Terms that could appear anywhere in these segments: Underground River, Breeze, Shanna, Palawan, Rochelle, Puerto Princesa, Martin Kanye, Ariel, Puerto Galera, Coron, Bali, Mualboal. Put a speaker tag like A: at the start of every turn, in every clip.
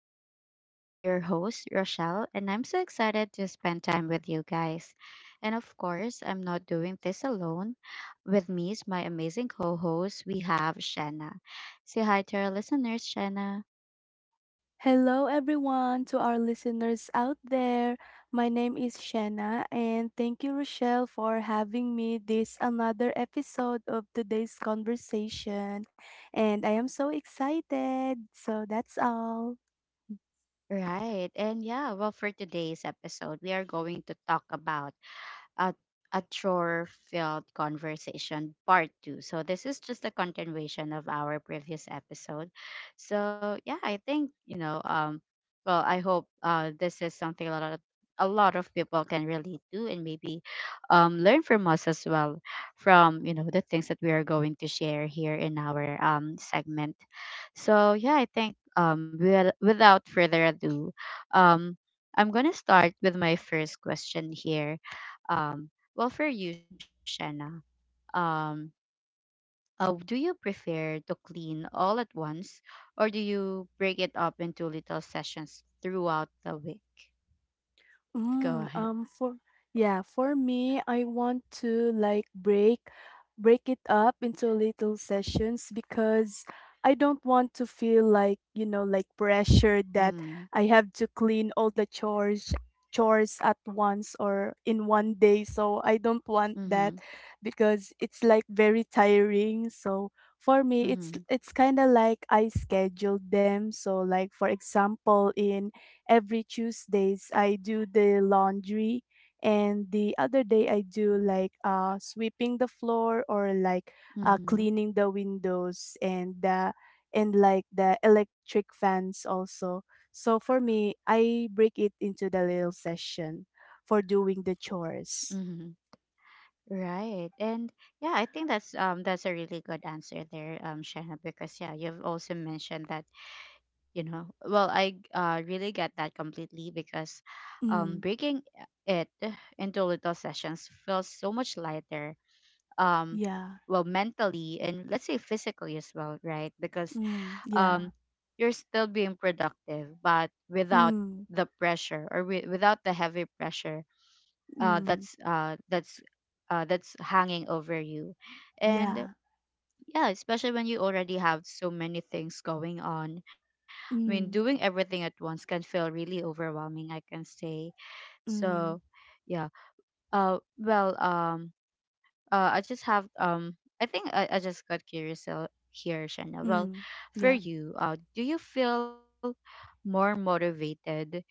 A: our talks. I'm your host, Rochelle, and I'm so excited to spend time with you guys. And of course, I'm not doing this alone. With me is my amazing co host, we have Shanna. Say hi to our listeners, Shanna.
B: Hello, everyone, to our listeners out there. My name is Shanna, and thank you, Rochelle, for having me this another episode of today's conversation. And I am so excited. So that's all.
A: Right, and yeah, well, for today's episode, we are going to talk about a, a chore filled conversation part two. So, this is just a continuation of our previous episode. So, yeah, I think, well, I hope this is something a lot of people can relate to and maybe learn from us as well from the things that we are going to share here in our segment. So yeah, I think without further ado, um, I'm going to start with my first question here. um, well, for you, Shanna, um, do you prefer to clean all at once or do you break it up into little sessions throughout the week? Go
B: Mm,
A: ahead.
B: for Yeah, for me, I want to like break it up into little sessions because I don't want to feel like, like pressured that
A: Mm-hmm.
B: I have to clean all the chores at once or in one day. So I don't want that
A: Mm-hmm.
B: because it's like very tiring. So for me, it's
A: Mm-hmm.
B: it's kind of like I scheduled them. So like for example, in every Tuesdays I do the laundry and the other day I do like sweeping the floor or like
A: Mm-hmm.
B: cleaning the windows and like the electric fans also. So for me, I break it into the little session for doing the chores.
A: Mm-hmm. Right. And yeah, I think that's a really good answer there, Shanna, because yeah, you've also mentioned that well I really get that completely because
B: Mm,
A: breaking it into little sessions feels so much lighter. um
B: yeah.
A: well mentally and let's say physically as well, right? Because
B: Mm, yeah.
A: you're still being productive but without
B: Mm,
A: the pressure or without the heavy pressure
B: mm,
A: that's that's hanging over you.
B: yeah.
A: And yeah, especially when you already have so many things going on. I mean,
B: Mm,
A: doing everything at once can feel really overwhelming, I can say.
B: mm,
A: So yeah, uh well um I just have um, I think I just got curious here, Shanna. Well,
B: mm,
A: for
B: yeah.
A: you, do you feel more motivated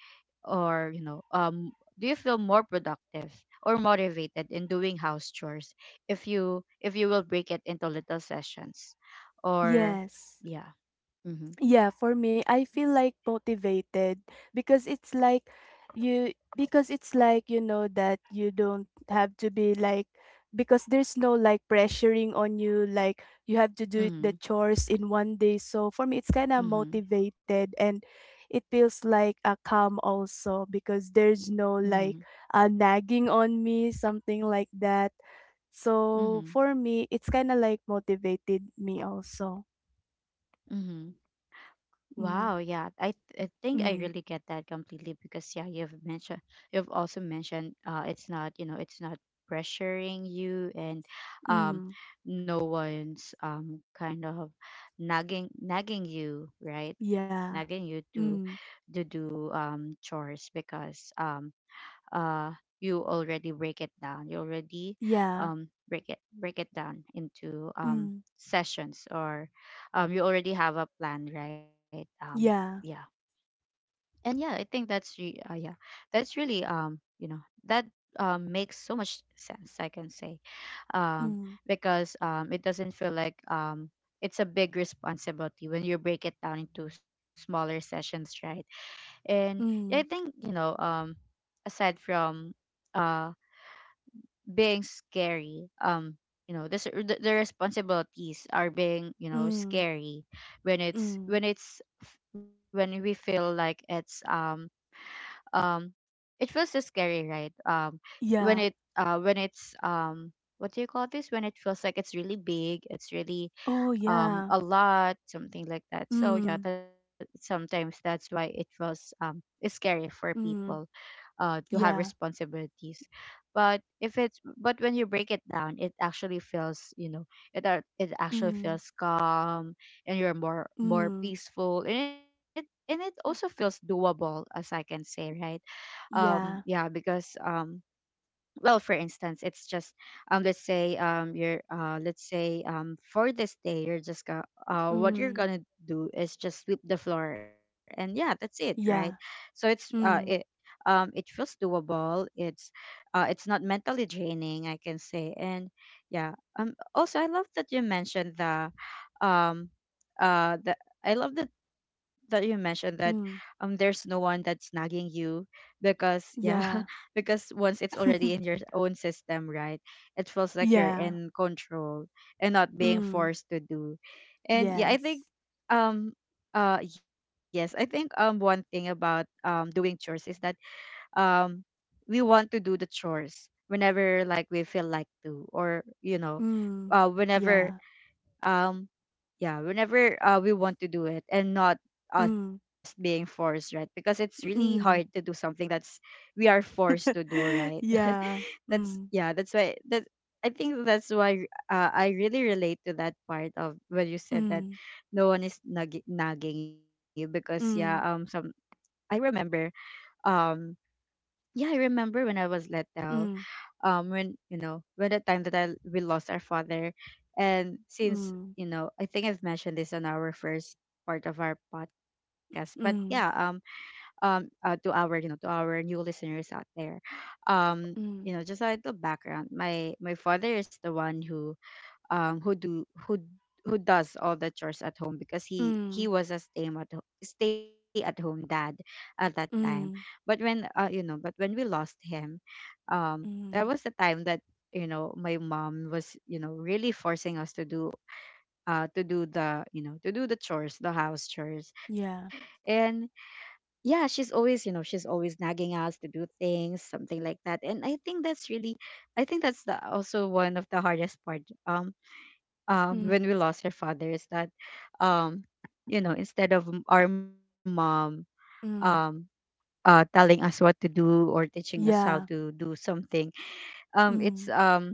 A: or, you know, do you feel more productive or motivated in doing house chores if you will break it into little sessions or
B: Yes.
A: yeah. Mhm.
B: Yeah, for me, I feel like motivated because it's like you know that you don't have to be like because there's no like pressuring on you like you have to do it the
A: Mhm.
B: chores in one day. So for me, it's kind of
A: Mhm.
B: motivated and it feels like a calm also because there's no
A: Mhm.
B: like a nagging on me, something like that. So
A: Mhm.
B: for me, it's kind of like motivated me also.
A: Mhm. Wow,
B: Mm,
A: yeah. I think I really
B: mm,
A: get that completely because yeah, you've mentioned you've also mentioned it's not, you know, it's not pressuring you, and um
B: mm.
A: no one's um, kind of nagging you, right? Nagging you
B: Yeah.
A: to
B: Mm.
A: do um, chores because uh you already break it down, you already
B: Yeah.
A: break it down into um,
B: Mm.
A: sessions, or um, you already have a plan, right? Yeah.
B: Yeah.
A: And yeah, I think that's yeah, that's really, um, you know, that makes so much sense, I can say. um
B: Mm.
A: because um, it doesn't feel like um, it's a big responsibility when you break it down into smaller sessions, right? And yeah, I
B: Mm.
A: think, you know, um, aside from uh being scary, um, you know, the responsibilities are, being you know,
B: Mm.
A: scary when
B: Mm.
A: it's when we feel like it's um, um, it feels so scary, right? Um, when
B: Yeah.
A: it's um, what do you call this, when it feels like it's really big, it's really
B: Oh
A: um,
B: yeah.
A: a lot, something like that. So yeah,
B: Mm.
A: that sometimes that's why it was um, scary for people
B: Mm.
A: to have
B: Yeah.
A: responsibilities. But if it's but when you break it down, it actually feels, you know, it actually
B: Mm.
A: feels calm and you're more
B: Mm.
A: peaceful, and it also feels doable, as I can say, right? Um,
B: Yeah.
A: yeah, because um, well, for instance, it's just um, let's say um, you're let's say um, for this day, you're just what you're
B: Mm.
A: gonna do is just sweep the floor, and yeah, that's it, right?
B: Yeah.
A: So it
B: Mm.
A: um, it feels doable. It's it's not mentally draining, I can say. And yeah, um, also I love that you mentioned the um uh the I love that you mentioned that um,
B: Mm.
A: there's no one that's nagging you, because yeah
B: Yeah.
A: because once it's already in your own system, right? It feels like you're
B: yeah.
A: in control and not being
B: Mm.
A: forced to do. And yeah, I think
B: Yes.
A: um yes, I think um, one thing about um, doing chores is that um, we want to do the chores whenever, like, we feel like to, or you know,
B: Mm.
A: whenever
B: Yeah.
A: um, yeah, whenever we want to do it and not us
B: Mm.
A: being forced, right? Because it's really hard to do
B: Mm.
A: something that's we are forced to do, right?
B: yeah.
A: That's
B: Mm.
A: yeah, that's why that, I think that's why I really relate to that part of when you said that
B: Mm.
A: no one is nagging you, because yeah um, some,
B: Mm.
A: I remember um, yeah, I remember when I was let down um, when, you know, when the time that I we lost our father, and since,
B: Mm.
A: you know, I think I've mentioned this on our first part of our podcast, but yeah,
B: Mm. Mm.
A: to our, you know, to our new listeners out there, um,
B: Mm.
A: you know, just a little background. My father is the one who do who does all the chores at home, because
B: Mm.
A: he was a stay at home dad at that time. But
B: Mm,
A: when but when we lost him, um, there was
B: mm,
A: a time that, you know, my mom was, you know, really forcing us to do the, you know, to do the chores, the house chores,
B: yeah.
A: and yeah, she's always, you know, she's always nagging us to do things, something like that, and I think that's really, I think that's the, also one of the hardest part, um, when we
B: Mm,
A: lost our father, is that um, you know, instead of our mom, um,
B: mm,
A: telling us what to do or teaching us how to
B: yeah.
A: do something, it's
B: Mm,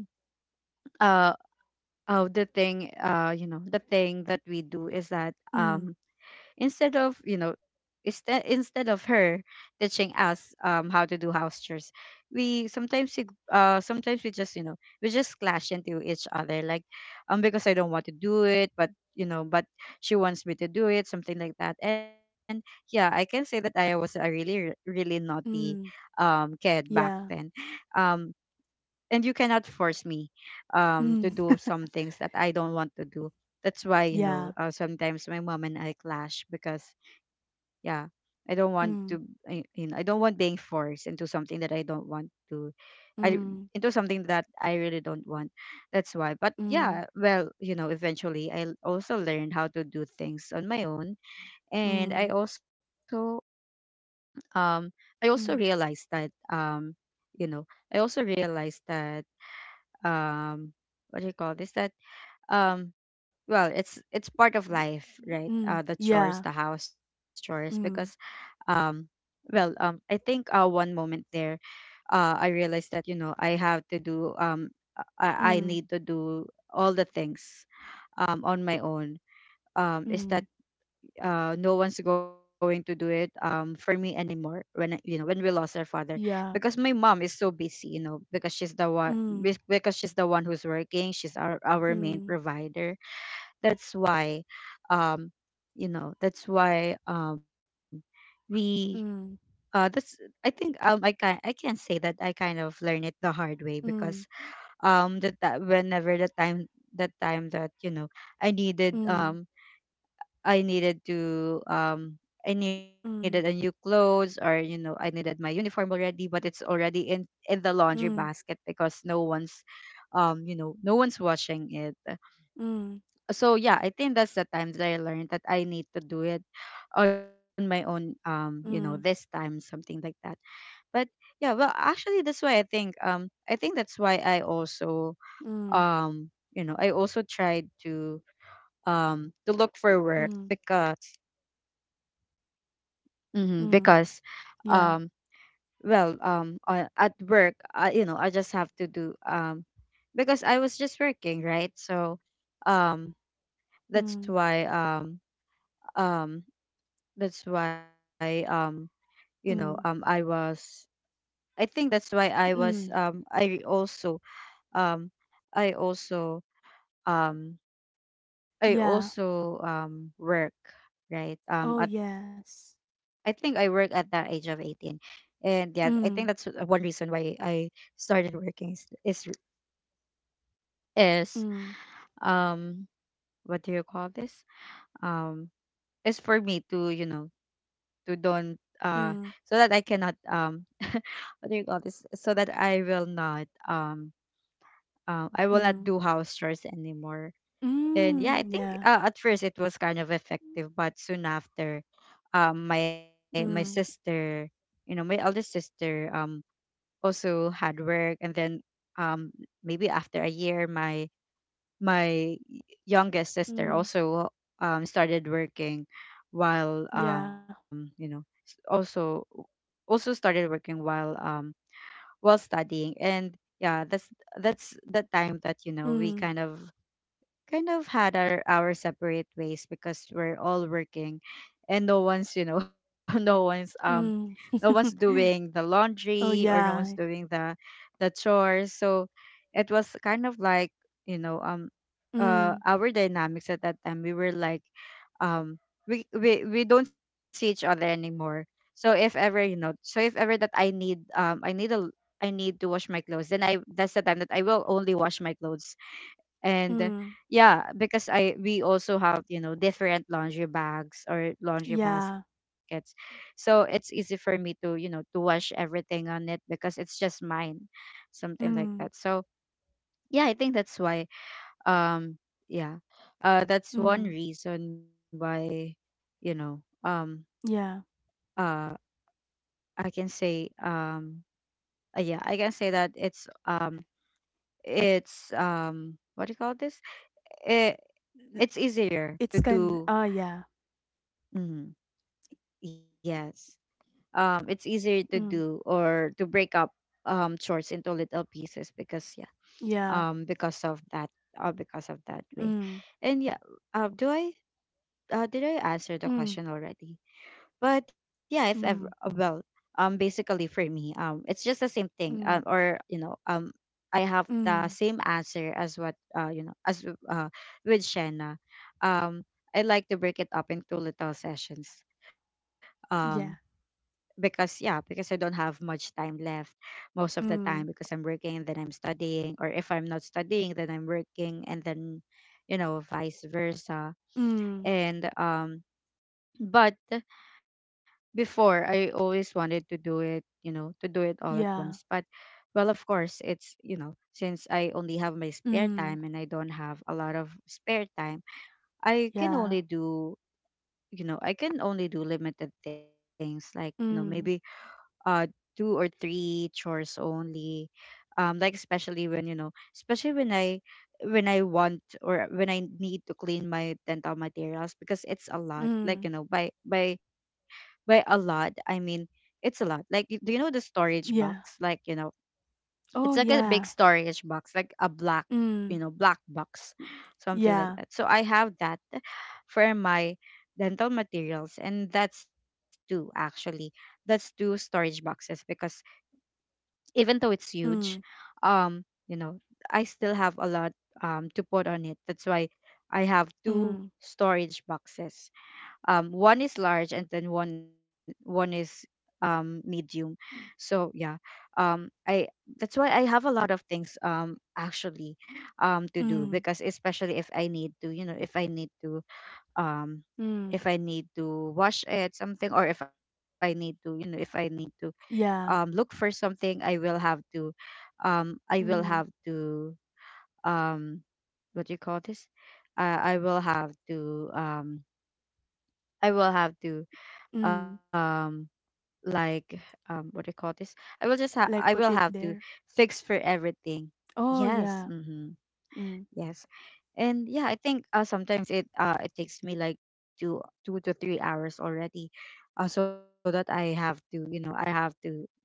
A: uh, the thing, the thing that we do is that
B: mm,
A: instead of, you know, instead of her teaching us um, how to do house chores, we sometimes sometimes we just, you know, we just clash into each other, like um, because I don't want to do it, but, you know, but she wants me to do it, something like that. And yeah, I can say that I was a really really naughty
B: mm,
A: um, kid back then,
B: yeah.
A: um, and you cannot force me um, to
B: Mm,
A: do some things that I don't want to do. That's why, you know,
B: yeah.
A: sometimes my mom and I clash, because yeah, I don't want to
B: Mm,
A: you know, I don't want being forced into something that I don't want to I
B: mm,
A: into something that I really don't want. That's why. But
B: mm,
A: yeah, well, you know, eventually also learned how to do things on my own, and I
B: mm,
A: also um, I also
B: mm,
A: realized that um, you know, I also realized that um, what do you call this, that um, well, it's part of life, right?
B: mm,
A: Uh, the chores,
B: yeah.
A: the house chores, because
B: Mm,
A: um, well um, I think uh, one moment there, uh, I realized that, you know, I have to do um, I
B: mm,
A: need to do all the things um, on my own, um, is
B: mm,
A: that no one's going to do it for me anymore when, you know, when we lost our father,
B: yeah.
A: because my mom is so busy, you know, because she's the one
B: Mm,
A: because she's the one who's working, she's our main
B: mm,
A: provider. That's why um, you know, that's why um, we,
B: mm,
A: that's, I think um, I can say that I kind of learned it the hard way, because
B: mm,
A: um, that whenever the time, that time that, you know, I needed um, I needed to um, I needed
B: mm,
A: a new clothes, or, you know, I needed my uniform already, but it's already in the
B: mm,
A: laundry basket, because no one's um, you know, no one's washing it.
B: mm,
A: So yeah, I think that's the time that I learned that I need to do it on my own um, you know, this
B: mm,
A: time, something like that. But yeah, well, actually that's why I think um, I think that's why I also
B: mm,
A: um, you know, I also tried to um, to look for
B: mm,
A: work,
B: mm,
A: because hmm.
B: mm,
A: Because,
B: yeah.
A: um, well, at work, you know, I just have to do because I was just working, right? So, um, that's
B: Mm,
A: why, um, um, that's why, you know, I
B: mm,
A: was. I think that's why I was.
B: mm,
A: I also, um, I also, um, I
B: yeah.
A: also um, work, right?
B: Oh,
A: I
B: yes.
A: think I work at that age of 18. And yeah, I think that's
B: Mm,
A: one reason why I started working is
B: mm.
A: um, what do you call this? Um, is for me to, you know, to don't uh, so that I
B: Mm,
A: cannot um, what do you call this? So that I will not
B: mm,
A: do house chores anymore. And yeah, I
B: mm,
A: think
B: yeah,
A: at first it was kind of effective, but soon after um my my
B: mm,
A: sister my eldest sister also hard work. And then um maybe after a year, my youngest sister
B: mm,
A: also started working, while
B: yeah,
A: also started working while studying. And yeah, that's the time that, you know, we
B: mm,
A: kind of had our separate ways because we're all working, and no one's, you know, no one's no
B: mm.
A: one's doing the laundry,
B: Oh,
A: or no one's
B: yeah,
A: doing the chores. So it was kind of like, you know,
B: mm,
A: our dynamics at that time. We were like, um we don't see each other anymore. So if ever, you know, so if ever that I need to wash my clothes. Then I that's the time that I will only wash my clothes. And
B: mm,
A: yeah, because I we also have, you know, different laundry bags or laundry
B: yeah,
A: baskets, so it's easy for me to, you know, to wash everything on it because it's just mine. Something like that.
B: mm,
A: So yeah, I think that's why, um yeah that's one
B: mm,
A: reason why, you know,
B: yeah.
A: uh I can say, yeah, I can say that it's what do you call this, it, it's
B: It's
A: easier to
B: kind, oh,
A: do. Mm-hmm. Yes. It's easier to
B: mm,
A: do, or to break up chores into little pieces, because yeah,
B: yeah,
A: um, because of that, because of that way.
B: mm,
A: And yeah, do I did I answer the
B: mm,
A: question already? But yeah, if ever
B: mm,
A: well, basically for me, it's just the same thing,
B: mm,
A: or you know, I have the
B: mm,
A: same answer as what you know, as with Shanna. um, I like to break it up into little sessions, um
B: yeah,
A: because yeah, because I don't have much time left most of the time, because
B: mm,
A: I'm working and then I'm studying, or if I'm not studying then I'm working. And then, you know, vice versa.
B: mm,
A: And but before I always wanted to do it, you know, to do it all at once. But
B: yeah,
A: well of course it's, you know, since I only have my spare
B: mm,
A: time and I don't have a lot of spare time, I can only
B: yeah,
A: do, you know, I can only do limited things like, you know, maybe
B: mm,
A: uh two or three chores only. Like especially when, you know, especially when I when I want, or when I need to clean my dental materials, because it's a lot.
B: mm,
A: Like, you know, by a lot I mean it's a lot. Like do you know the storage
B: yeah,
A: box? Like, you know,
B: oh,
A: it's like a big storage box, like a black, you
B: mm,
A: know, black box, something like
B: yeah,
A: that. So I have that for my dental materials, and that's two actually. That's two storage boxes because even though it's huge,
B: mm,
A: um, you know, I still have a lot to put on it. That's why I have two
B: mm,
A: storage boxes. One is large, and then one is medium. So yeah, I that's why I have a lot of things, actually, to do,
B: mm,
A: because especially if I need to, you know, if I need to um, if
B: mm.
A: I need to wash it something, or if I need to, you know, if I need to
B: Yeah.
A: look for something, I will have to um, I will
B: Mm,
A: have to um, what do you call this? I will have to I will have to
B: mm.
A: um like, what do you call this, I will
B: Like
A: have
B: put it
A: to
B: there.
A: fix for everything.
B: Oh,
A: Yes,
B: yeah.
A: mm-hmm.
B: Mm,
A: Yes. And yeah, I think sometimes it takes me like two 2 to 3 hours already, so that I have to, you know, I have to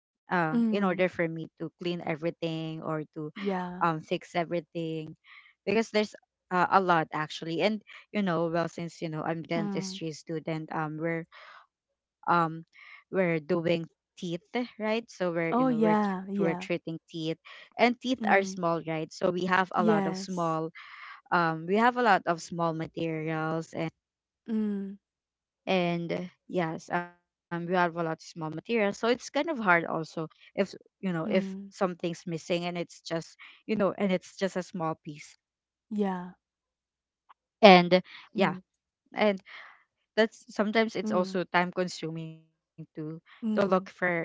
A: in order for
B: mm.
A: me to clean everything, or to
B: Yeah.
A: fix everything, because there's a lot actually. And, you know, well since, you know, I'm
B: Mm.
A: dentistry student, um we're doing teeth, right? So we're, you know,
B: Oh, yeah.
A: we're treating
B: Yeah.
A: teeth. And teeth are small,
B: Mm.
A: right? So we have a lot of
B: Yes.
A: small we have a lot of small materials. And
B: Mm,
A: yes, we have a lot of small materials, so it's kind of hard also if, you know, if
B: mm.
A: something's missing, and it's just, you know, and it's just a small piece.
B: Yeah.
A: And yeah.
B: Mm,
A: And that's sometimes it's
B: mm.
A: also time consuming to look
B: Mm.
A: for, you know,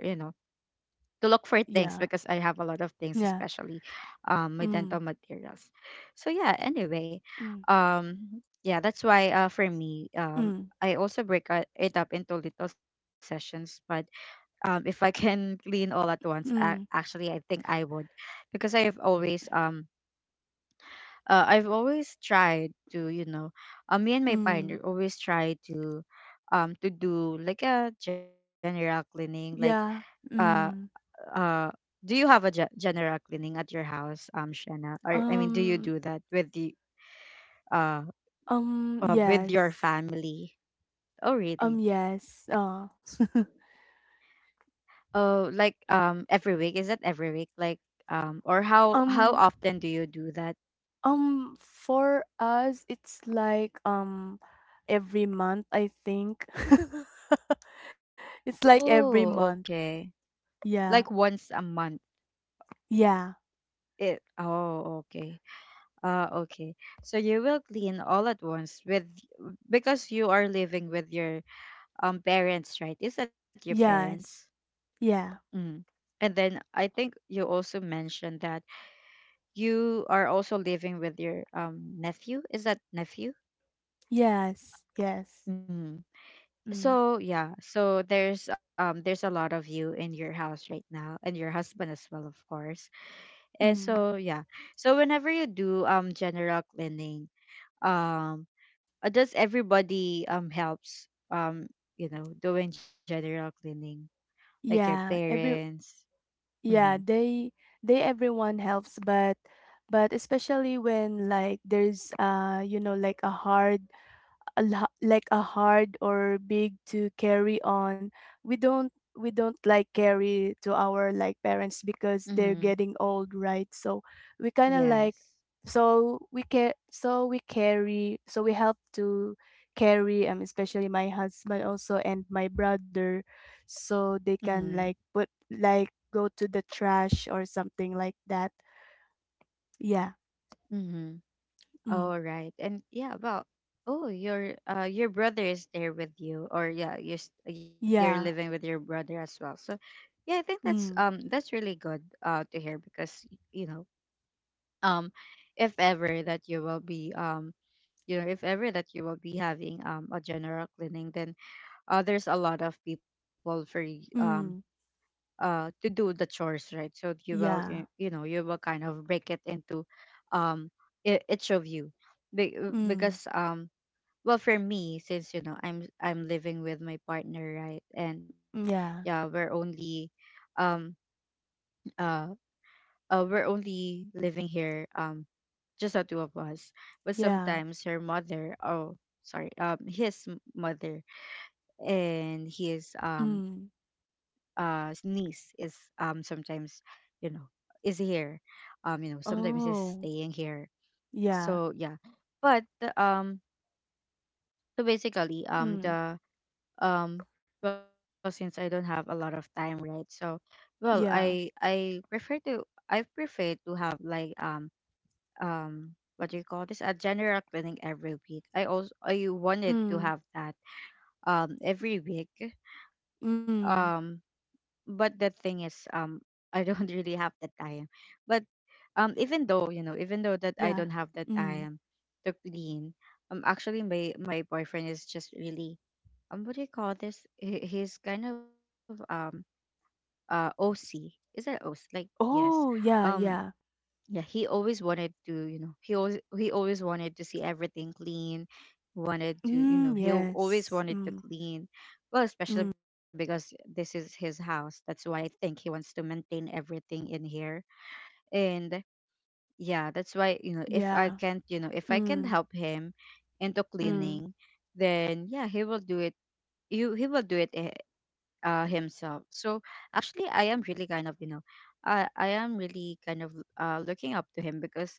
A: to look for things, because
B: Yeah.
A: I have a lot of things,
B: Yeah.
A: especially my dental
B: Mm,
A: materials. So yeah, anyway,
B: mm.
A: yeah, that's why, for me,
B: Mm.
A: I also break it up into little sessions. But if I can clean all at once, I,
B: Mm.
A: actually, I think I would, because I have always I've always tried to, you know, me and my
B: Mm.
A: partner always try to do like a general cleaning, like
B: Yeah.
A: uh
B: Mm.
A: uh do you have a general cleaning at your house, Shanna? Or I mean, do you
B: Um.
A: do that with the uh, with your
B: Yes.
A: family? Oh really?
B: Yes.
A: Oh, like every week? Is that every week? Like or how
B: Um.
A: often do you do that?
B: For us, it's like every month, I think. It's like every month.
A: Oh okay,
B: Yeah.
A: like once a month?
B: Yeah.
A: It oh okay. Okay. So you will clean all at once with, because you are living with your parents, right? Is that your parents?
B: Yes. Yeah.
A: Mm. And then I think you also mentioned that you are also living with your nephew. Is that nephew?
B: Yes. Yes.
A: Mm.
B: Mm.
A: So yeah, so there's a lot of you in your house right now, and your husband as well, of course. And
B: Mm.
A: so yeah, so whenever you do general cleaning, um does everybody helps, you know, doing general cleaning, like your
B: Yeah. Every
A: parents? Mm-hmm.
B: yeah, they everyone helps, but especially when like there's you know like a hard like a hard or big to carry on we don't like carry to our like parents because they're
A: Mm-hmm.
B: getting old right so we kind of like
A: Yes.
B: so we carry so we help to carry especially my husband also and my brother so they can
A: Mm-hmm.
B: like put like go to the trash or something like that yeah
A: Mm-hmm.
B: mm.
A: All right. And yeah, well, oh, your brother is there with you, or yeah, you're you're living
B: yeah
A: with your brother as well. So yeah, I think
B: mm.
A: that's really good to hear, because you know, um if ever that you will be you know, if ever that you will be having a general cleaning, then there's a lot of people for you,
B: Mm.
A: to do the chores, right? So you will
B: yeah
A: you know, you will kind of break it into um each of you.
B: mm.
A: Because well for me since, you know, I'm living with my partner, right? And yeah,
B: yeah
A: um uh, we're only living here, just the two of us. But
B: Yeah.
A: sometimes her mother, oh sorry, his mother, and his
B: Mm.
A: niece is sometimes, you know, is here, you know, sometimes is
B: Oh.
A: staying here.
B: Yeah.
A: So yeah. But um so basically
B: Mm.
A: the um well since I don't have a lot of time, right? So well, i
B: Yeah.
A: i prefer to, I prefer to have like what do you call this, a general cleaning every week. I also, I wanted to
B: Mm.
A: have that every week, um
B: Mm.
A: but the thing is, I don't really have the time. But even though, you know, even though that I
B: Yeah.
A: don't have the
B: Mm.
A: time to clean, actually my boyfriend is just really, what do you call this, he's kind of OC. Is that OC? Like yes.
B: Oh, yeah,
A: um
B: yeah.
A: yeah, he always wanted to, you know, he always, he always wanted to see everything clean. Wanted to, you know,
B: Mm,
A: always
B: yes.
A: wanted to
B: Mm.
A: clean. Well, especially
B: Mm.
A: because this is his house, that's why I think he wants to maintain everything in here. And yeah, that's why, you know, if I
B: Yeah.
A: can't you know, if I can
B: Mm.
A: help him into
B: Mm.
A: cleaning, then yeah, he will do it, you, he will do it himself. So actually I am really kind of, you know, I am really kind of looking up to him because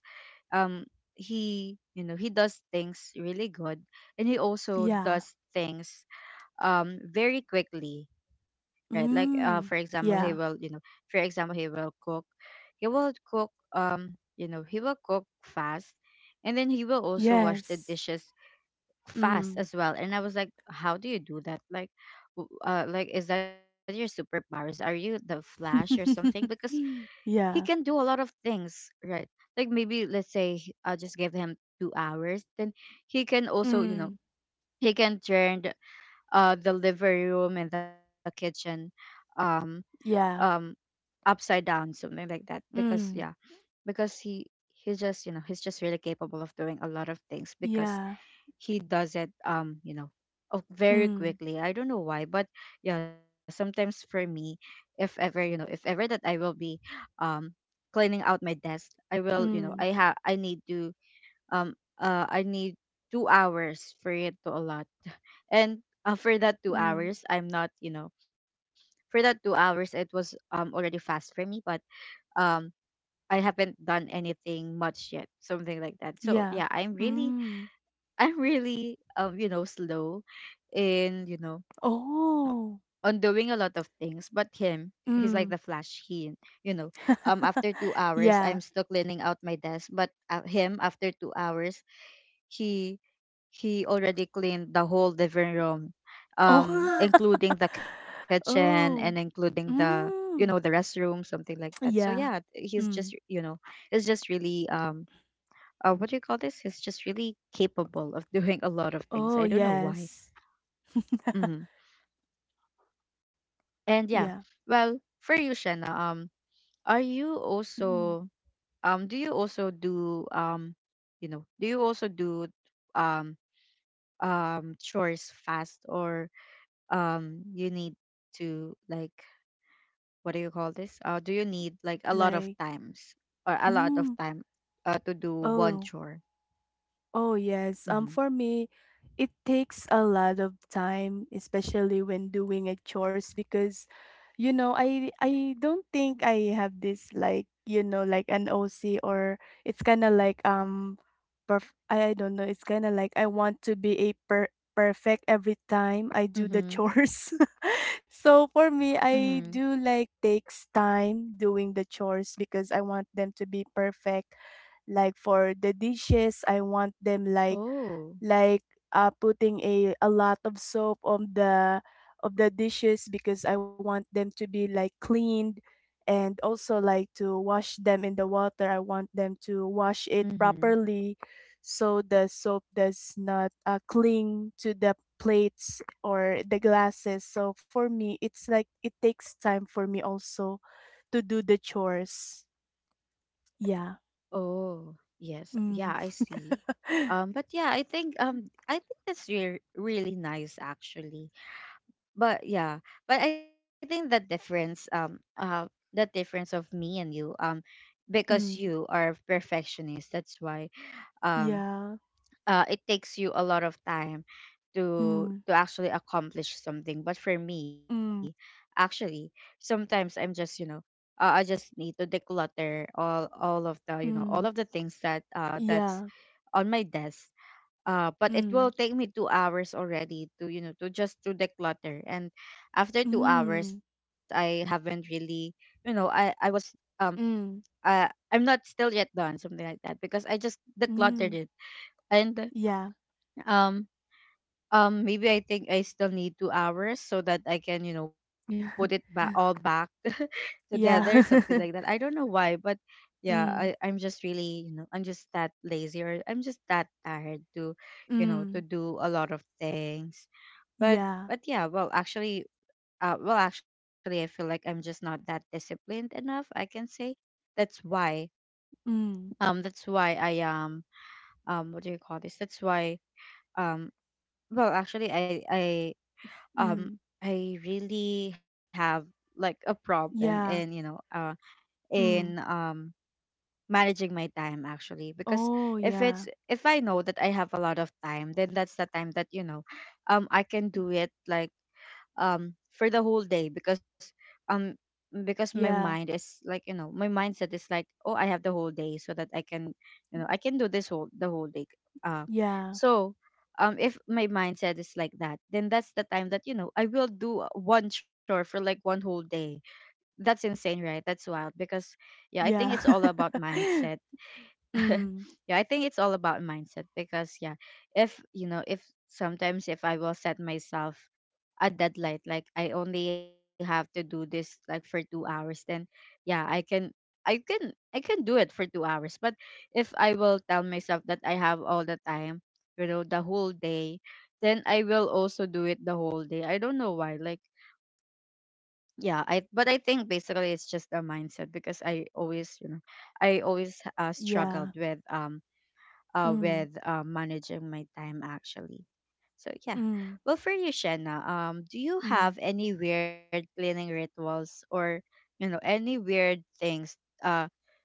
A: um he, you know, he does things really good, and he also
B: Yeah.
A: does things very quickly. Right, like for example
B: Mm.
A: he will, you
B: Yeah.
A: know, for example he will cook, he will cook, you know, he will cook fast, and then he will also wash the
B: Yes.
A: dishes fast
B: Mm.
A: as well. And I was like, how do you do that? Like like is that your superpowers? Are you the Flash or something? Because he can
B: Yeah.
A: do a lot of things, right? Like maybe let's say, I just give him 2 hours, then he can also, you know,
B: Mm.
A: he can turn the living room and the kitchen, um
B: Yeah.
A: um upside down Something like that. because yeah
B: Mm.
A: because he he just, you know, he's just really capable of doing a lot of things because
B: Yeah.
A: he does it, very
B: Mm.
A: quickly. I don't know why, but yeah, sometimes for me, if ever, you know, if ever that I will be, um cleaning out my desk, I will, you know,
B: Mm.
A: I need to, I need 2 hours for it to a lot and for that two
B: Mm.
A: hours I'm not, you know, for that 2 hours it was, already fast for me, but um I haven't done anything much yet, something like that. So
B: Yeah.
A: yeah,
B: Mm.
A: I'm really, you know, slow in, you know, on
B: Oh.
A: doing a lot of things. But him, he's like the
B: Mm.
A: flash. He you know After 2 hours I'm
B: Yeah.
A: still cleaning out my desk, but him, after 2 hours he he already cleaned the whole living room,
B: Oh.
A: including the kitchen and
B: Oh.
A: including the, you know, the
B: Mm.
A: restroom, something like that. So yeah,
B: Yeah.
A: he's just,
B: Mm.
A: you know, it's just really, what do you call this? He's just really capable of doing a lot of things.
B: Oh,
A: I don't know why.
B: yes.
A: Hmm. And yeah,
B: Yeah.
A: well, for you, Shanna, are you
B: Mm.
A: also, do you also do, you know, do you also do, um chores fast, or you need to, like, what do you call this? Do you need like a lot of
B: Like,
A: times or a lot of
B: mm.
A: time to do one
B: Oh.
A: chore?
B: Oh yes.
A: Mm-hmm.
B: For me, it takes a lot of time, especially when doing a chores because I don't think I have this like, like an OC or it's kind of like I don't know, it's kind of like I want to be a perfect every time I do the
A: Mm-hmm.
B: chores. So for me,
A: Mm-hmm.
B: I do like takes time doing the chores because I want them to be perfect. Like for the dishes, I want them
A: Oh.
B: like putting a lot of soap on the of the dishes because I want them to be like cleaned and also like to wash them in the water. I want them to wash it
A: Mm-hmm.
B: properly so the soap does not cling to the plates or the glasses. So for me, it's like it takes time for me also to do the chores. Yeah.
A: Oh, yes. Yeah,
B: Mm.
A: I see. But yeah, I think that's re really nice actually. But yeah, but I think the difference, the difference of me and you, because you
B: Mm.
A: are perfectionist, that's why, um
B: Yeah.
A: it takes you a lot of time
B: Mm.
A: to actually accomplish something. But for me,
B: Mm.
A: actually sometimes I'm just, you know, I just need to declutter all of the, you know, all of the
B: Mm.
A: things that that's
B: Yeah.
A: on my desk. But it will
B: Mm.
A: take me 2 hours already to, you know, to just to declutter, and after 2 hours
B: Mm.
A: I haven't really, you know, I was, um
B: Mm.
A: uh, I'm not still yet done, something like that, because I just decluttered
B: Mm.
A: it. And,
B: Yeah.
A: um maybe I think I still need 2 hours so that I can, you know, put it back all back together, something
B: Yeah.
A: like that. I don't know why, but yeah, i I'm
B: Mm.
A: just really, you know, I'm just that lazy or I'm just that tired to, you know, to
B: Mm.
A: do a lot of things. but
B: Yeah.
A: but yeah, well actually, well actually, I feel like I'm just not that disciplined enough, I can say. That's why,
B: Mm.
A: that's why I what do you call this, that's why, um well actually I um
B: Mm.
A: I really have like a problem in,
B: Yeah.
A: you know, in,
B: Mm.
A: managing my time actually. Because
B: Oh,
A: if it's,
B: yeah.
A: if I know that I have a lot of time, then that's the time that, you know, I can do it like, for the whole day, because, um because my mind
B: Yeah.
A: is like, you know, my mindset is like, oh, I have the whole day so that I can, you know, I can do this whole the whole day. uh
B: Yeah.
A: so um if my mindset is like that, then that's the time that, you know, I will do one chore for like one whole day. That's insane, right? That's wild, because yeah, I think it's
B: Yeah.
A: all about mindset.
B: Mm.
A: Yeah, I think it's all about mindset, because yeah, if, you know, if sometimes if I will set myself a deadline, like I only have to do this like for 2 hours, then yeah, I can I can do it for 2 hours. But if I will tell myself that I have all the time, you know, the whole day, then I will also do it the whole day. I don't know why, like, yeah, I think basically it's just a mindset, because I always, you know, I always, struggled
B: Yeah.
A: with,
B: Mm.
A: with, managing my time actually. So yeah.
B: Mm.
A: Well, for you, Shanna, do you
B: Mm.
A: have any weird cleaning rituals or, you know, any weird things uh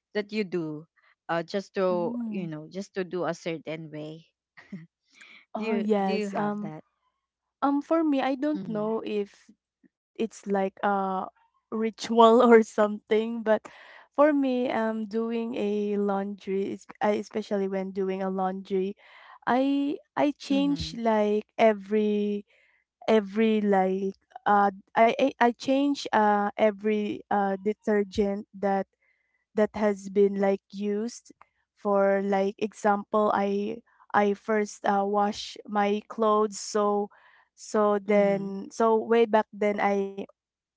A: that you do, just to, you
B: Mm.
A: know, just to do a certain way? Do
B: Oh,
A: you, do you
B: yes.
A: have that?
B: For me, I don't
A: Mhm.
B: know if it's like a ritual or something, but for me, doing a laundry, especially when doing a laundry, I change
A: Mhm.
B: like every every like I change every detergent that that has been like used for like example I first wash my clothes so so
A: Mhm.
B: then so way back then I.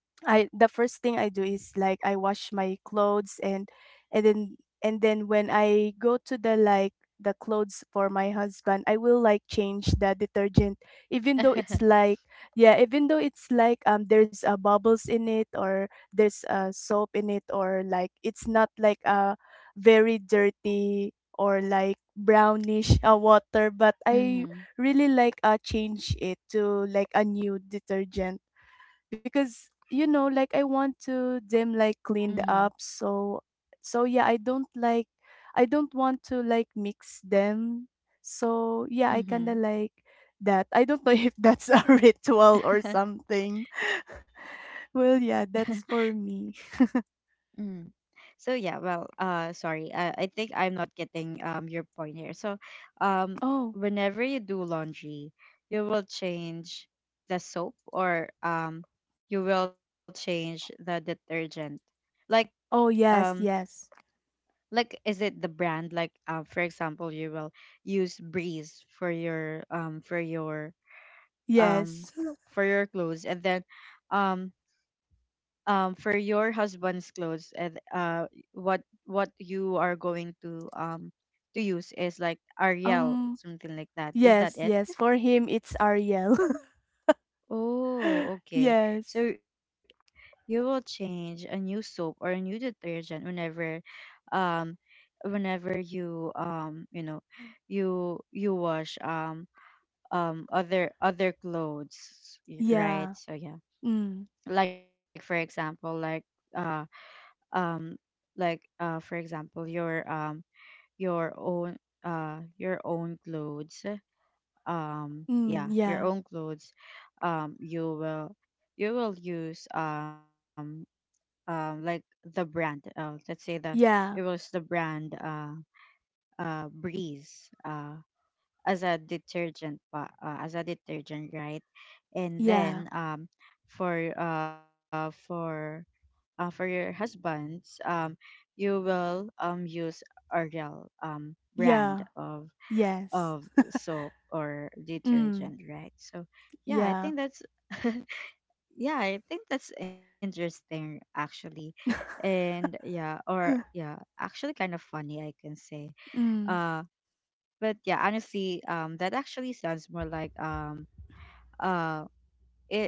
B: I the first thing I do is like I wash my clothes and and then and then when I go to the clothes for my husband, I will like change the detergent even though it's like yeah, even though it's like there's bubbles in it or there's soap in it or like it's not like a very dirty or like brownish water but I
A: Mhm.
B: really like change it to like a new detergent because you know like I want to them like cleaned
A: Mhm.
B: up so so yeah I don't like I don't want to like mix them so yeah
A: Mhm.
B: I kind of
A: Mhm.
B: like that I don't know if that's a ritual or something well yeah that's for me
A: So yeah, well, sorry, I think I'm not getting your point here. So, um,
B: oh
A: whenever you do laundry, you will change the soap, or you will change the detergent. Like,
B: oh
A: um,
B: yes yes
A: like is it the brand? Like, for example, you will use Breeze for your for your, um
B: yes
A: for your clothes, and then, um for your husband's clothes, and what you are going to use is like Ariel,
B: um
A: something like that. Is that
B: yes
A: it?
B: yes for him it's ariel
A: Oh, okay.
B: yes
A: So you will change a new soap or a new detergent whenever, um whenever you you know, you wash, other clothes, y- right?
B: yeah
A: So yeah,
B: mm,
A: like for example, like, uh. um like for example, your own, your own clothes,
B: mm
A: yeah, your
B: yeah
A: own clothes, you will, you will use, like the brand, let's say the, you will
B: yeah
A: use the brand, Breeze, as a detergent pa- as a detergent, right? And
B: yeah
A: then, for for, for your husbands, you will, use Ariel, brand
B: yeah
A: of
B: Yes.
A: of soap or
B: Mm,
A: detergent, right? So yeah, I
B: yeah.
A: think that's yeah, I think that's interesting actually, and yeah, or yeah, actually kind of funny, I can say. Uh,
B: Mm,
A: but yeah, honestly, that actually sounds more like, uh. It,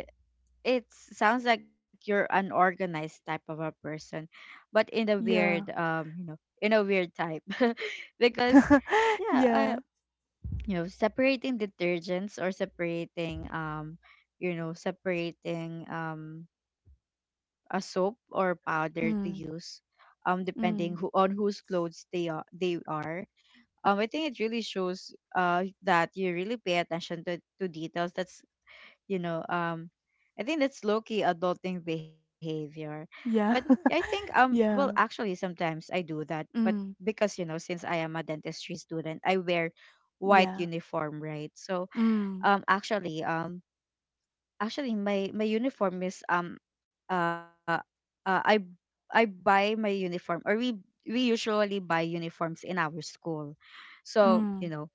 A: it sounds like you're an organized type of a person, but in a weird,
B: yeah.
A: you know, in a weird type because yeah,
B: Yeah.
A: you know, separating detergents, or separating, you know, separating, a soap or powder to
B: Mm,
A: use, depending who
B: mm,
A: on whose clothes they are, I think it really shows that you really pay attention to details. That's, you know, I think that's low-key adulting behavior. But
B: yeah.
A: I think, well
B: Yeah.
A: actually, sometimes I do that, but
B: Mm,
A: because you know, since I am a dentistry student, I wear white
B: yeah.
A: uniform, right? So,
B: Mm,
A: actually, actually my uniform is, uh, uh i I buy my uniform, or we usually buy uniforms in our school. So you
B: mm,
A: know,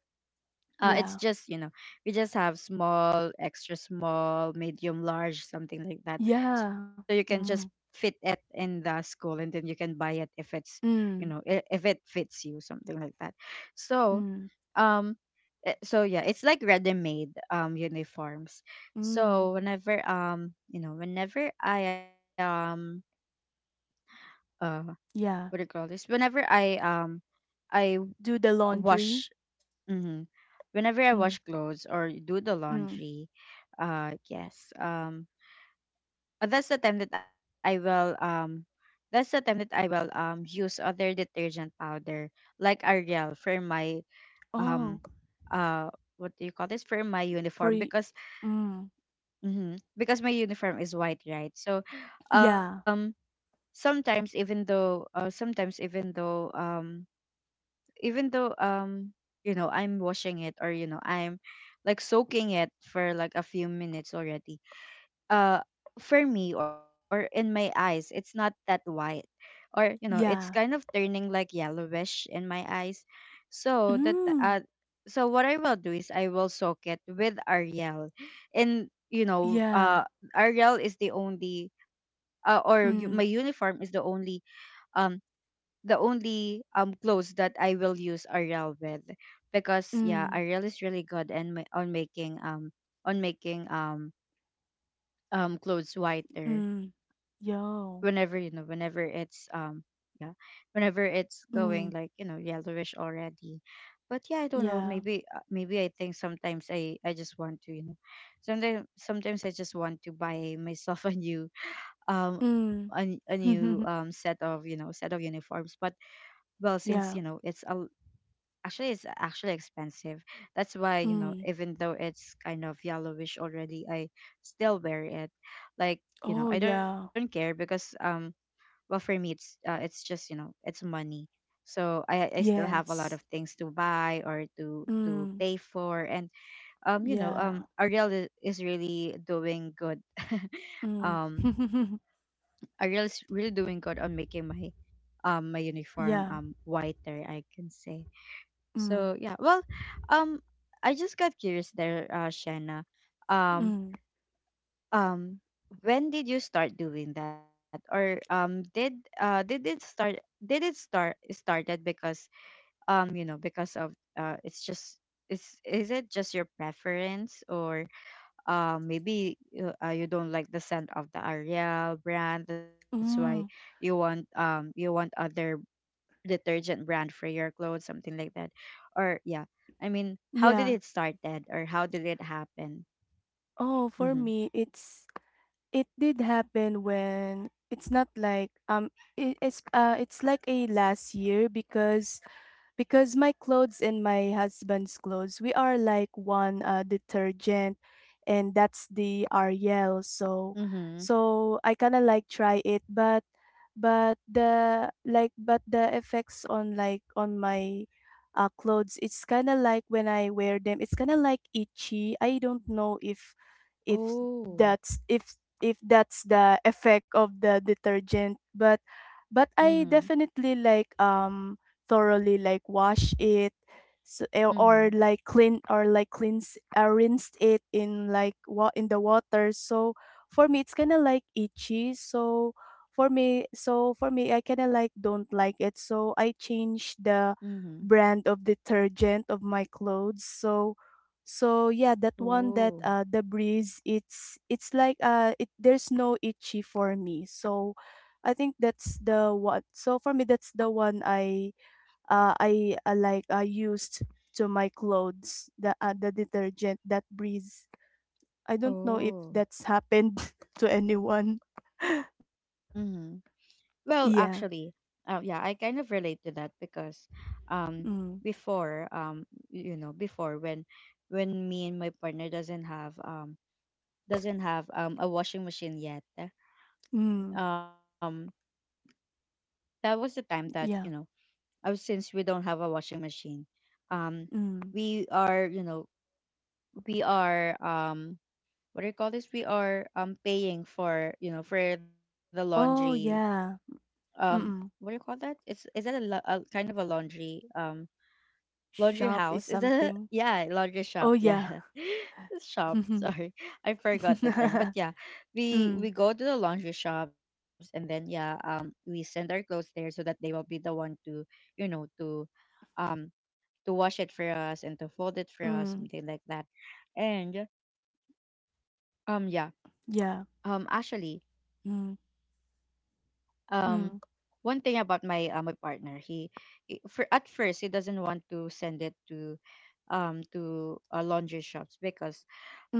A: it's
B: yeah.
A: just, you know, we just have small, extra small, medium, large, something like that. So you
B: Yeah.
A: can just
B: Mm,
A: fit it in the school, and then you can buy it if it's, you know,
B: mm,
A: I- if it fits you, something like that. So,
B: mm,
A: um so yeah, it's like ready made uniforms.
B: mm,
A: So whenever, you know, whenever I uh what do you
B: yeah.
A: call this, whenever I I w-
B: Do the
A: wash.
B: laundry.
A: Mm-hmm. Whenever I
B: Mm,
A: wash clothes or do the
B: mm.
A: laundry, yes, that's the time that I will, that's the time that I will use other detergent powder like Ariel for my,
B: Oh,
A: um, uh, what do you call this, for my
B: for
A: uniform,
B: y-
A: because
B: mm,
A: mm-hmm, because my uniform is white, right? So, um,
B: yeah.
A: sometimes even though, sometimes even though, even though, you know, I'm washing it, or you know I'm like soaking it for like a few minutes already, uh for me or in my eyes it's not that white, or you know it's kind
B: Yeah.
A: of turning like yellowish in my eyes. So that,
B: Mm,
A: so what I will do is I will soak it with Ariel. And you know,
B: yeah.
A: Ariel is the only, my
B: Mm,
A: uniform is the only, um the only clothes that I will use Ariel with, because yeah,
B: mm,
A: Ariel is really good and ma- on making, on making, clothes whiter,
B: mm,
A: whenever, you
B: yo.
A: know, whenever it's, yeah, whenever it's going
B: Mm,
A: like, you know, yellowish already. But yeah, I don't know,
B: yeah.
A: maybe, maybe I think sometimes I just want to, you know, sometimes I just want to buy myself a new, a
B: Mm.
A: new set of, you know, set of uniforms, but well since you know
B: Yeah.
A: it's a, actually it's actually expensive. That's why, you know,
B: Mm.
A: even though it's kind of yellowish already, I still wear it. Like, you know,
B: Oh,
A: I don't care,
B: yeah.
A: because well for me it's, it's just, you know, it's money. So I still have a lot of
B: Yes.
A: things to buy or to
B: Mm.
A: pay for.
B: Yeah.
A: Ariel is really doing good.
B: Mm.
A: um Ariel is really doing good on making my my uniform
B: yeah.
A: whiter, I can say.
B: Mm.
A: So yeah, well, um, I just got curious there, Shanna. Um,
B: Mm.
A: um, when did you start doing that, or did it start? Started because you know, because of it's just is it just your preference, or maybe you don't like the scent of the Ariel brand? That's why
B: Mm.
A: you want other detergent brand for your clothes, something like that. Or yeah, I mean, how did
B: Yeah.
A: it started or how did it happen?
B: Oh, for
A: Mhm.
B: me, it's it did happen when it's not like it's like a last year because my clothes and my husband's clothes we are like one detergent and that's the Ariel so
A: Mhm.
B: so I kind of like try it but the like but the effects on like on my clothes it's kind of like when I wear them it's kind of like itchy I don't know if if
A: Oh.
B: that's if if that's the effect of the detergent but
A: Mhm.
B: I definitely like thoroughly like wash it so, eh,
A: Mhm.
B: or like clean or like cleanse rinse it in like what in the water so for me it's kind of like itchy so for me I kind of like don't like it so I changed the
A: Mhm.
B: brand of detergent of my clothes so so yeah that one that
A: Oh.
B: the breeze it's like it there's no itchy for me so I think that's the one so for me that's the one I like I used to my clothes the detergent that breeze. I don't know if
A: Oh.
B: that's happened to anyone.
A: Mhm. Well, actually,
B: Yeah.
A: yeah, I kind of relate to that because um
B: Mm.
A: before um you know, before when me and my partner doesn't have a washing machine yet.
B: Mm.
A: Um that was the time that, you know,
B: Yeah.
A: since we don't have a washing machine, um
B: Mm.
A: we are, you know, we are what do you call this, we are paying for, you know, for the laundry.
B: Oh yeah.
A: Um what
B: Mm.
A: do you call that Is that a, a kind of a laundry, laundry
B: Shop is
A: house, is a
B: something.
A: yeah, laundry
B: Oh
A: shop. Yeah.
B: yeah.
A: Shop,
B: mm.
A: sorry. I forgot the term. But yeah, we go to the laundry shops, and then yeah, we send our clothes there so that they will be the one to, you know, um to wash it for us and to fold it for us,
B: Mm.
A: something like that. And yeah,
B: Yeah.
A: actually
B: Mm.
A: um
B: Mm.
A: One thing about my my partner, he, for at first he doesn't want to send it to laundry shops because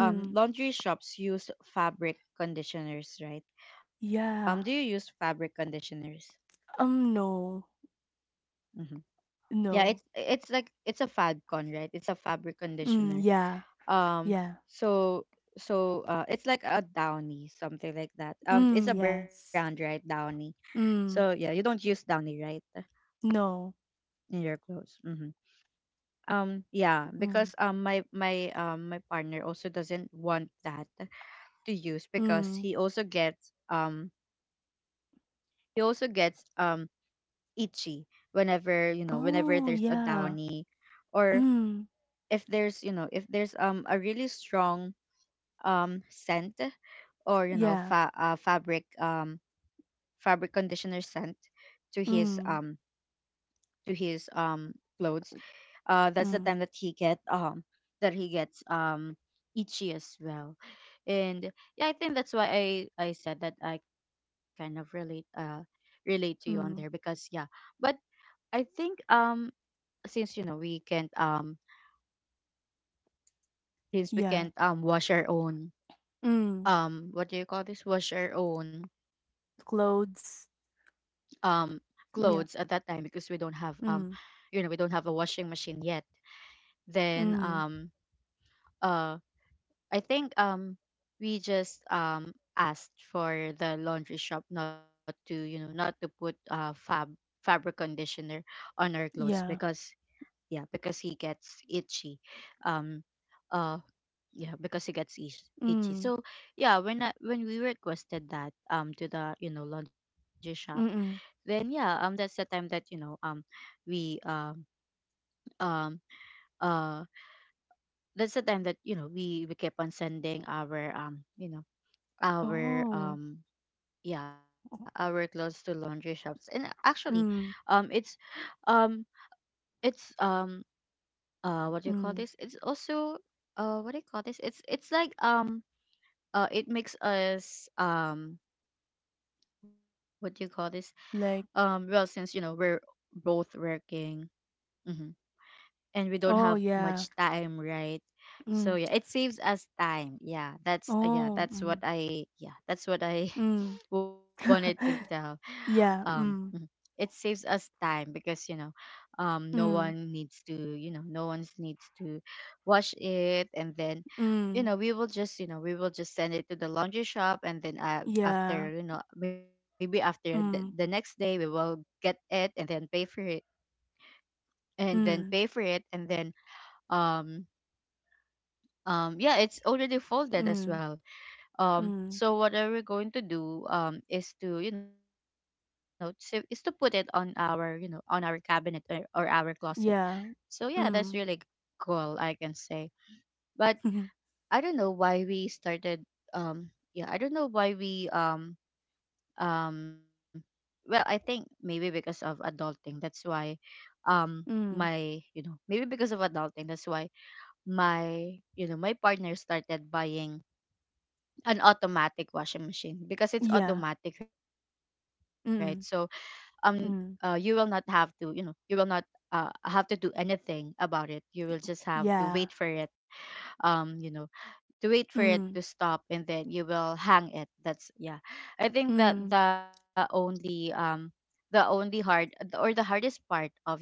A: laundry shops use fabric conditioners, right? Do you use
B: Yeah.
A: fabric conditioners?
B: No.
A: Hmm. Yeah, it's
B: No.
A: it's like it's a fabcon, right? It's a fabric
B: Mm.
A: conditioner.
B: Yeah.
A: um
B: Yeah.
A: so it's like a Downy, something like that. It's
B: Mm.
A: a brand, right?
B: Yes.
A: Downy. So yeah,
B: Mm.
A: you don't use Downy, right,
B: No.
A: in your clothes? Hmm. Yeah,
B: Mm.
A: because my my partner also doesn't want that to use because
B: Mm.
A: he also gets he also gets um itchy whenever, you know, whenever
B: Oh,
A: there's a
B: yeah.
A: Downy, or
B: Mm.
A: if there's, you know, if there's a really strong scent, or you know,
B: Yeah.
A: fabric fabric conditioner scent to his
B: Mm.
A: to his um clothes, that's the
B: Mm.
A: time that he get that he gets itchy as well. And yeah, I think that's why I said that I kind of relate, relate to you on there,
B: Mm.
A: because yeah. But I think since you know we can't since we
B: Yeah.
A: can't wash our own,
B: Mm.
A: what do you call this, wash our own
B: Clothes.
A: um clothes at that time because we
B: Yeah.
A: don't have, you know, we
B: Mm.
A: don't have a washing machine yet. Then
B: Mm.
A: uh, I think we just asked for the laundry shop not to, you know, not to put fabric conditioner on our clothes because
B: Yeah.
A: yeah, because he gets itchy. um uh yeah, because he gets itchy.
B: Mm.
A: So yeah, when I, when we requested that, to the, you know, laundry shop, then
B: Mm-mm.
A: yeah, that's the time that, you know, we um uh that's the time that, you know, we kept on sending our, you know, our
B: Oh.
A: yeah, our clothes to laundry shops. And actually um
B: Mm.
A: it's um it's what do you call this,
B: Mm.
A: it's also, what do you call this, it's like, it makes us, what do you call this,
B: Like,
A: well, since you know we're both working, mm-hmm, and we don't
B: oh,
A: have
B: yeah.
A: much time, right? So
B: Mm.
A: yeah, it saves us time. Yeah, that's
B: Oh.
A: that's what
B: Mm.
A: I
B: Mm.
A: wanted to tell.
B: Yeah.
A: Mhm.
B: Mm.
A: It saves us time because, you know, no
B: Mm.
A: one needs to, you know, no one needs to wash it, and then, you
B: Mm.
A: know, we will just, you know, we will just send it to the laundry shop, and then
B: Yeah.
A: after, you know, maybe after the next
B: Mm.
A: day we will get it and then pay for it
B: Mm.
A: and then um yeah, it's already folded as
B: Mm.
A: well.
B: Mm.
A: So what are we going to do, is to, you know, is to put it on our, you know, on our cabinet, or our closet. So
B: Yeah.
A: yeah, that's really
B: Mm.
A: cool, I can say. But I don't know why we started um yeah I don't know why we um well, I think maybe because of adulting, that's why um
B: Mm.
A: my you know maybe because of adulting, that's why my, you know, my partner started buying an automatic washing machine, because it's
B: Yeah.
A: automatic, right? So um
B: Mm.
A: you will not have
B: Mm.
A: to, you know, you will not have to do anything about it. You will just have to wait for
B: Yeah.
A: it, you know, to wait for it to
B: Mm,
A: stop, and then you will hang it. That's, yeah, I think that
B: mm,
A: the only hard, or the hardest part of, you know,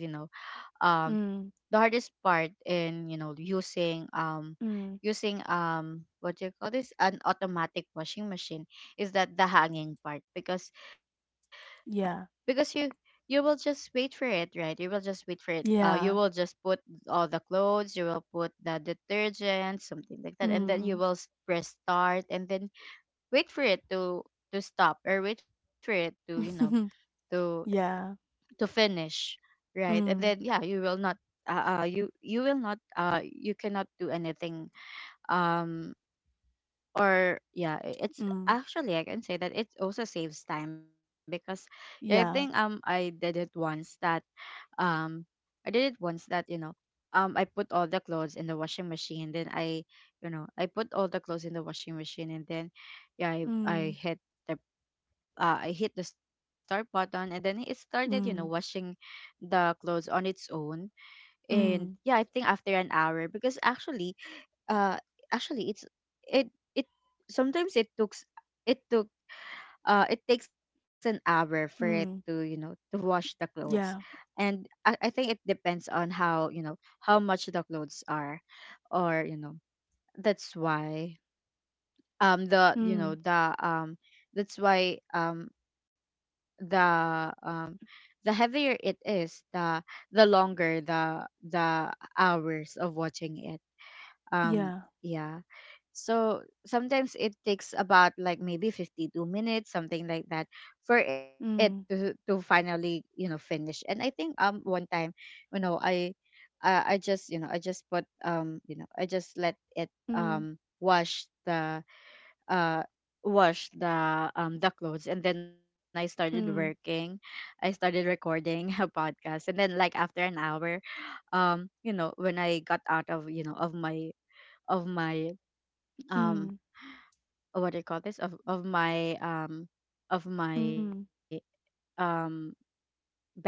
A: um
B: mm,
A: the hardest part in, you know, using
B: mm.
A: what do you call this, an automatic washing machine, is that the hanging part, because
B: Yeah.
A: you, you will just wait for it, right? You will just wait for it, you will
B: Yeah.
A: just put all the clothes, you will put the detergent, something like that, and then you
B: Mm.
A: will press start, and then wait for it to stop, or wait for it to, you know, to
B: Yeah.
A: to finish, right? And then
B: Mm,
A: yeah, you will not you will not, you cannot do anything. um or yeah, it's
B: mm.
A: actually, I can say that it also saves time because yeah, I think
B: Yeah.
A: I did it once that um you know, I put all the clothes in the washing machine, then I you know I put all the clothes in the washing machine, and then yeah,
B: Mm,
A: the I hit the start button, and then it started, you know, washing
B: mm,
A: the clothes on its own. And yeah, I
B: mm,
A: think after an hour, because actually uh actually it's it it sometimes it took it takes an hour for it to, you
B: mm.
A: know, to wash the clothes.
B: Yeah.
A: And I think it depends on how, you know, how much the clothes are, or, you know, that's why the you know
B: Mm.
A: the that's why the um the heavier it is, the longer the hours of watching it. um
B: Yeah.
A: yeah. So sometimes it takes about like maybe 52 minutes, something like that, for it to
B: Mm,
A: finally, you know, finish. And I think, one time, you know, I just, you know, I just put, you know, I just let it
B: mm,
A: um wash the uh wash the clothes, and then I started working.
B: mm,
A: I started recording a podcast. And then like after an hour, you know, when I got out of, you know, of my of my um
B: mm,
A: what do you call this, of my
B: mm,
A: um bedroom,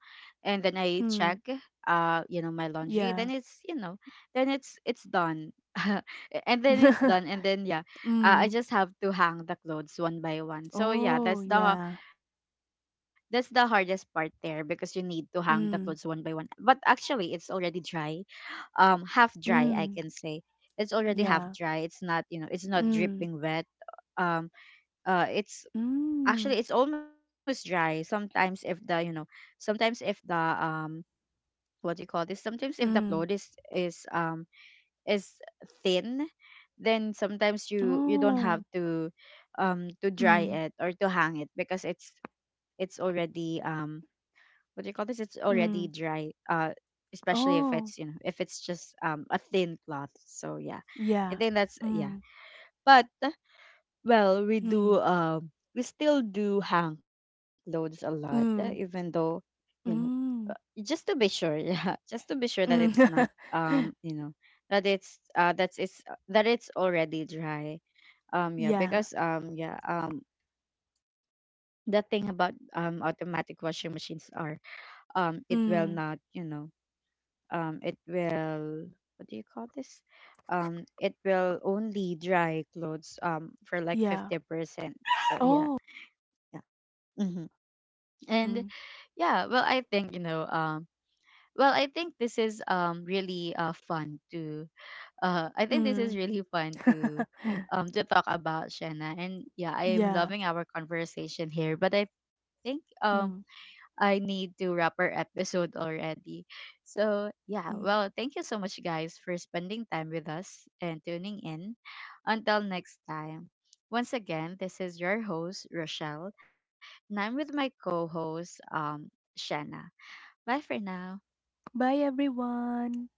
A: and then I check
B: mm.
A: you know, my laundry, then
B: Yeah.
A: it's, you know, then it's done. And then yeah, I
B: Mm.
A: just have to hang the clothes one by one. So yeah,
B: Oh,
A: that's the
B: yeah.
A: hardest part there, because you need to hang the clothes one by one.
B: Mm,
A: But actually it's already dry, half dry, I can
B: mm.
A: say. It's already half
B: Yeah.
A: dry. It's not, you know, it's not
B: Mm,
A: dripping wet. um it's actually,
B: mm,
A: it's almost dry sometimes, if the, you know, sometimes if the what do you call this, sometimes if the cloth
B: mm.
A: is is um is thin, then sometimes you don't
B: Oh.
A: have to dry
B: Mm,
A: it or to hang it, because it's already, what do you call this, it's already
B: mm.
A: dry, especially if it's,
B: Oh.
A: you know, if it's just a thin cloth. So yeah, I
B: Yeah.
A: think that's yeah.
B: Mm,
A: But well, we
B: mm,
A: do we still do hang clothes a lot, even
B: mm,
A: though, you know,
B: mm,
A: uh,
B: mm.
A: just to be sure, yeah, just to be sure that it's not, you know, that it's that it's already dry. Yeah,
B: Yeah.
A: because the thing about automatic washing machines are, it will
B: Mm,
A: not, you know, it will, what do you call this? It will only dry clothes for like
B: yeah.
A: 50%. So yeah,
B: Oh.
A: yeah, hmm. And
B: Mm,
A: yeah, well, I think, you know, well, I think this is really fun to, I think this is
B: mm.
A: really fun to talk about, Shanna. And yeah, I am
B: Yeah.
A: loving our conversation here, but I think
B: Mm,
A: I need to wrap our episode already. So yeah, well,
B: mm.
A: thank you so much, guys, for spending time with us and tuning in. Until next time. Once again, this is your host, Rochelle, and I'm with my co host, Shanna. Bye for now.
B: Bye, everyone.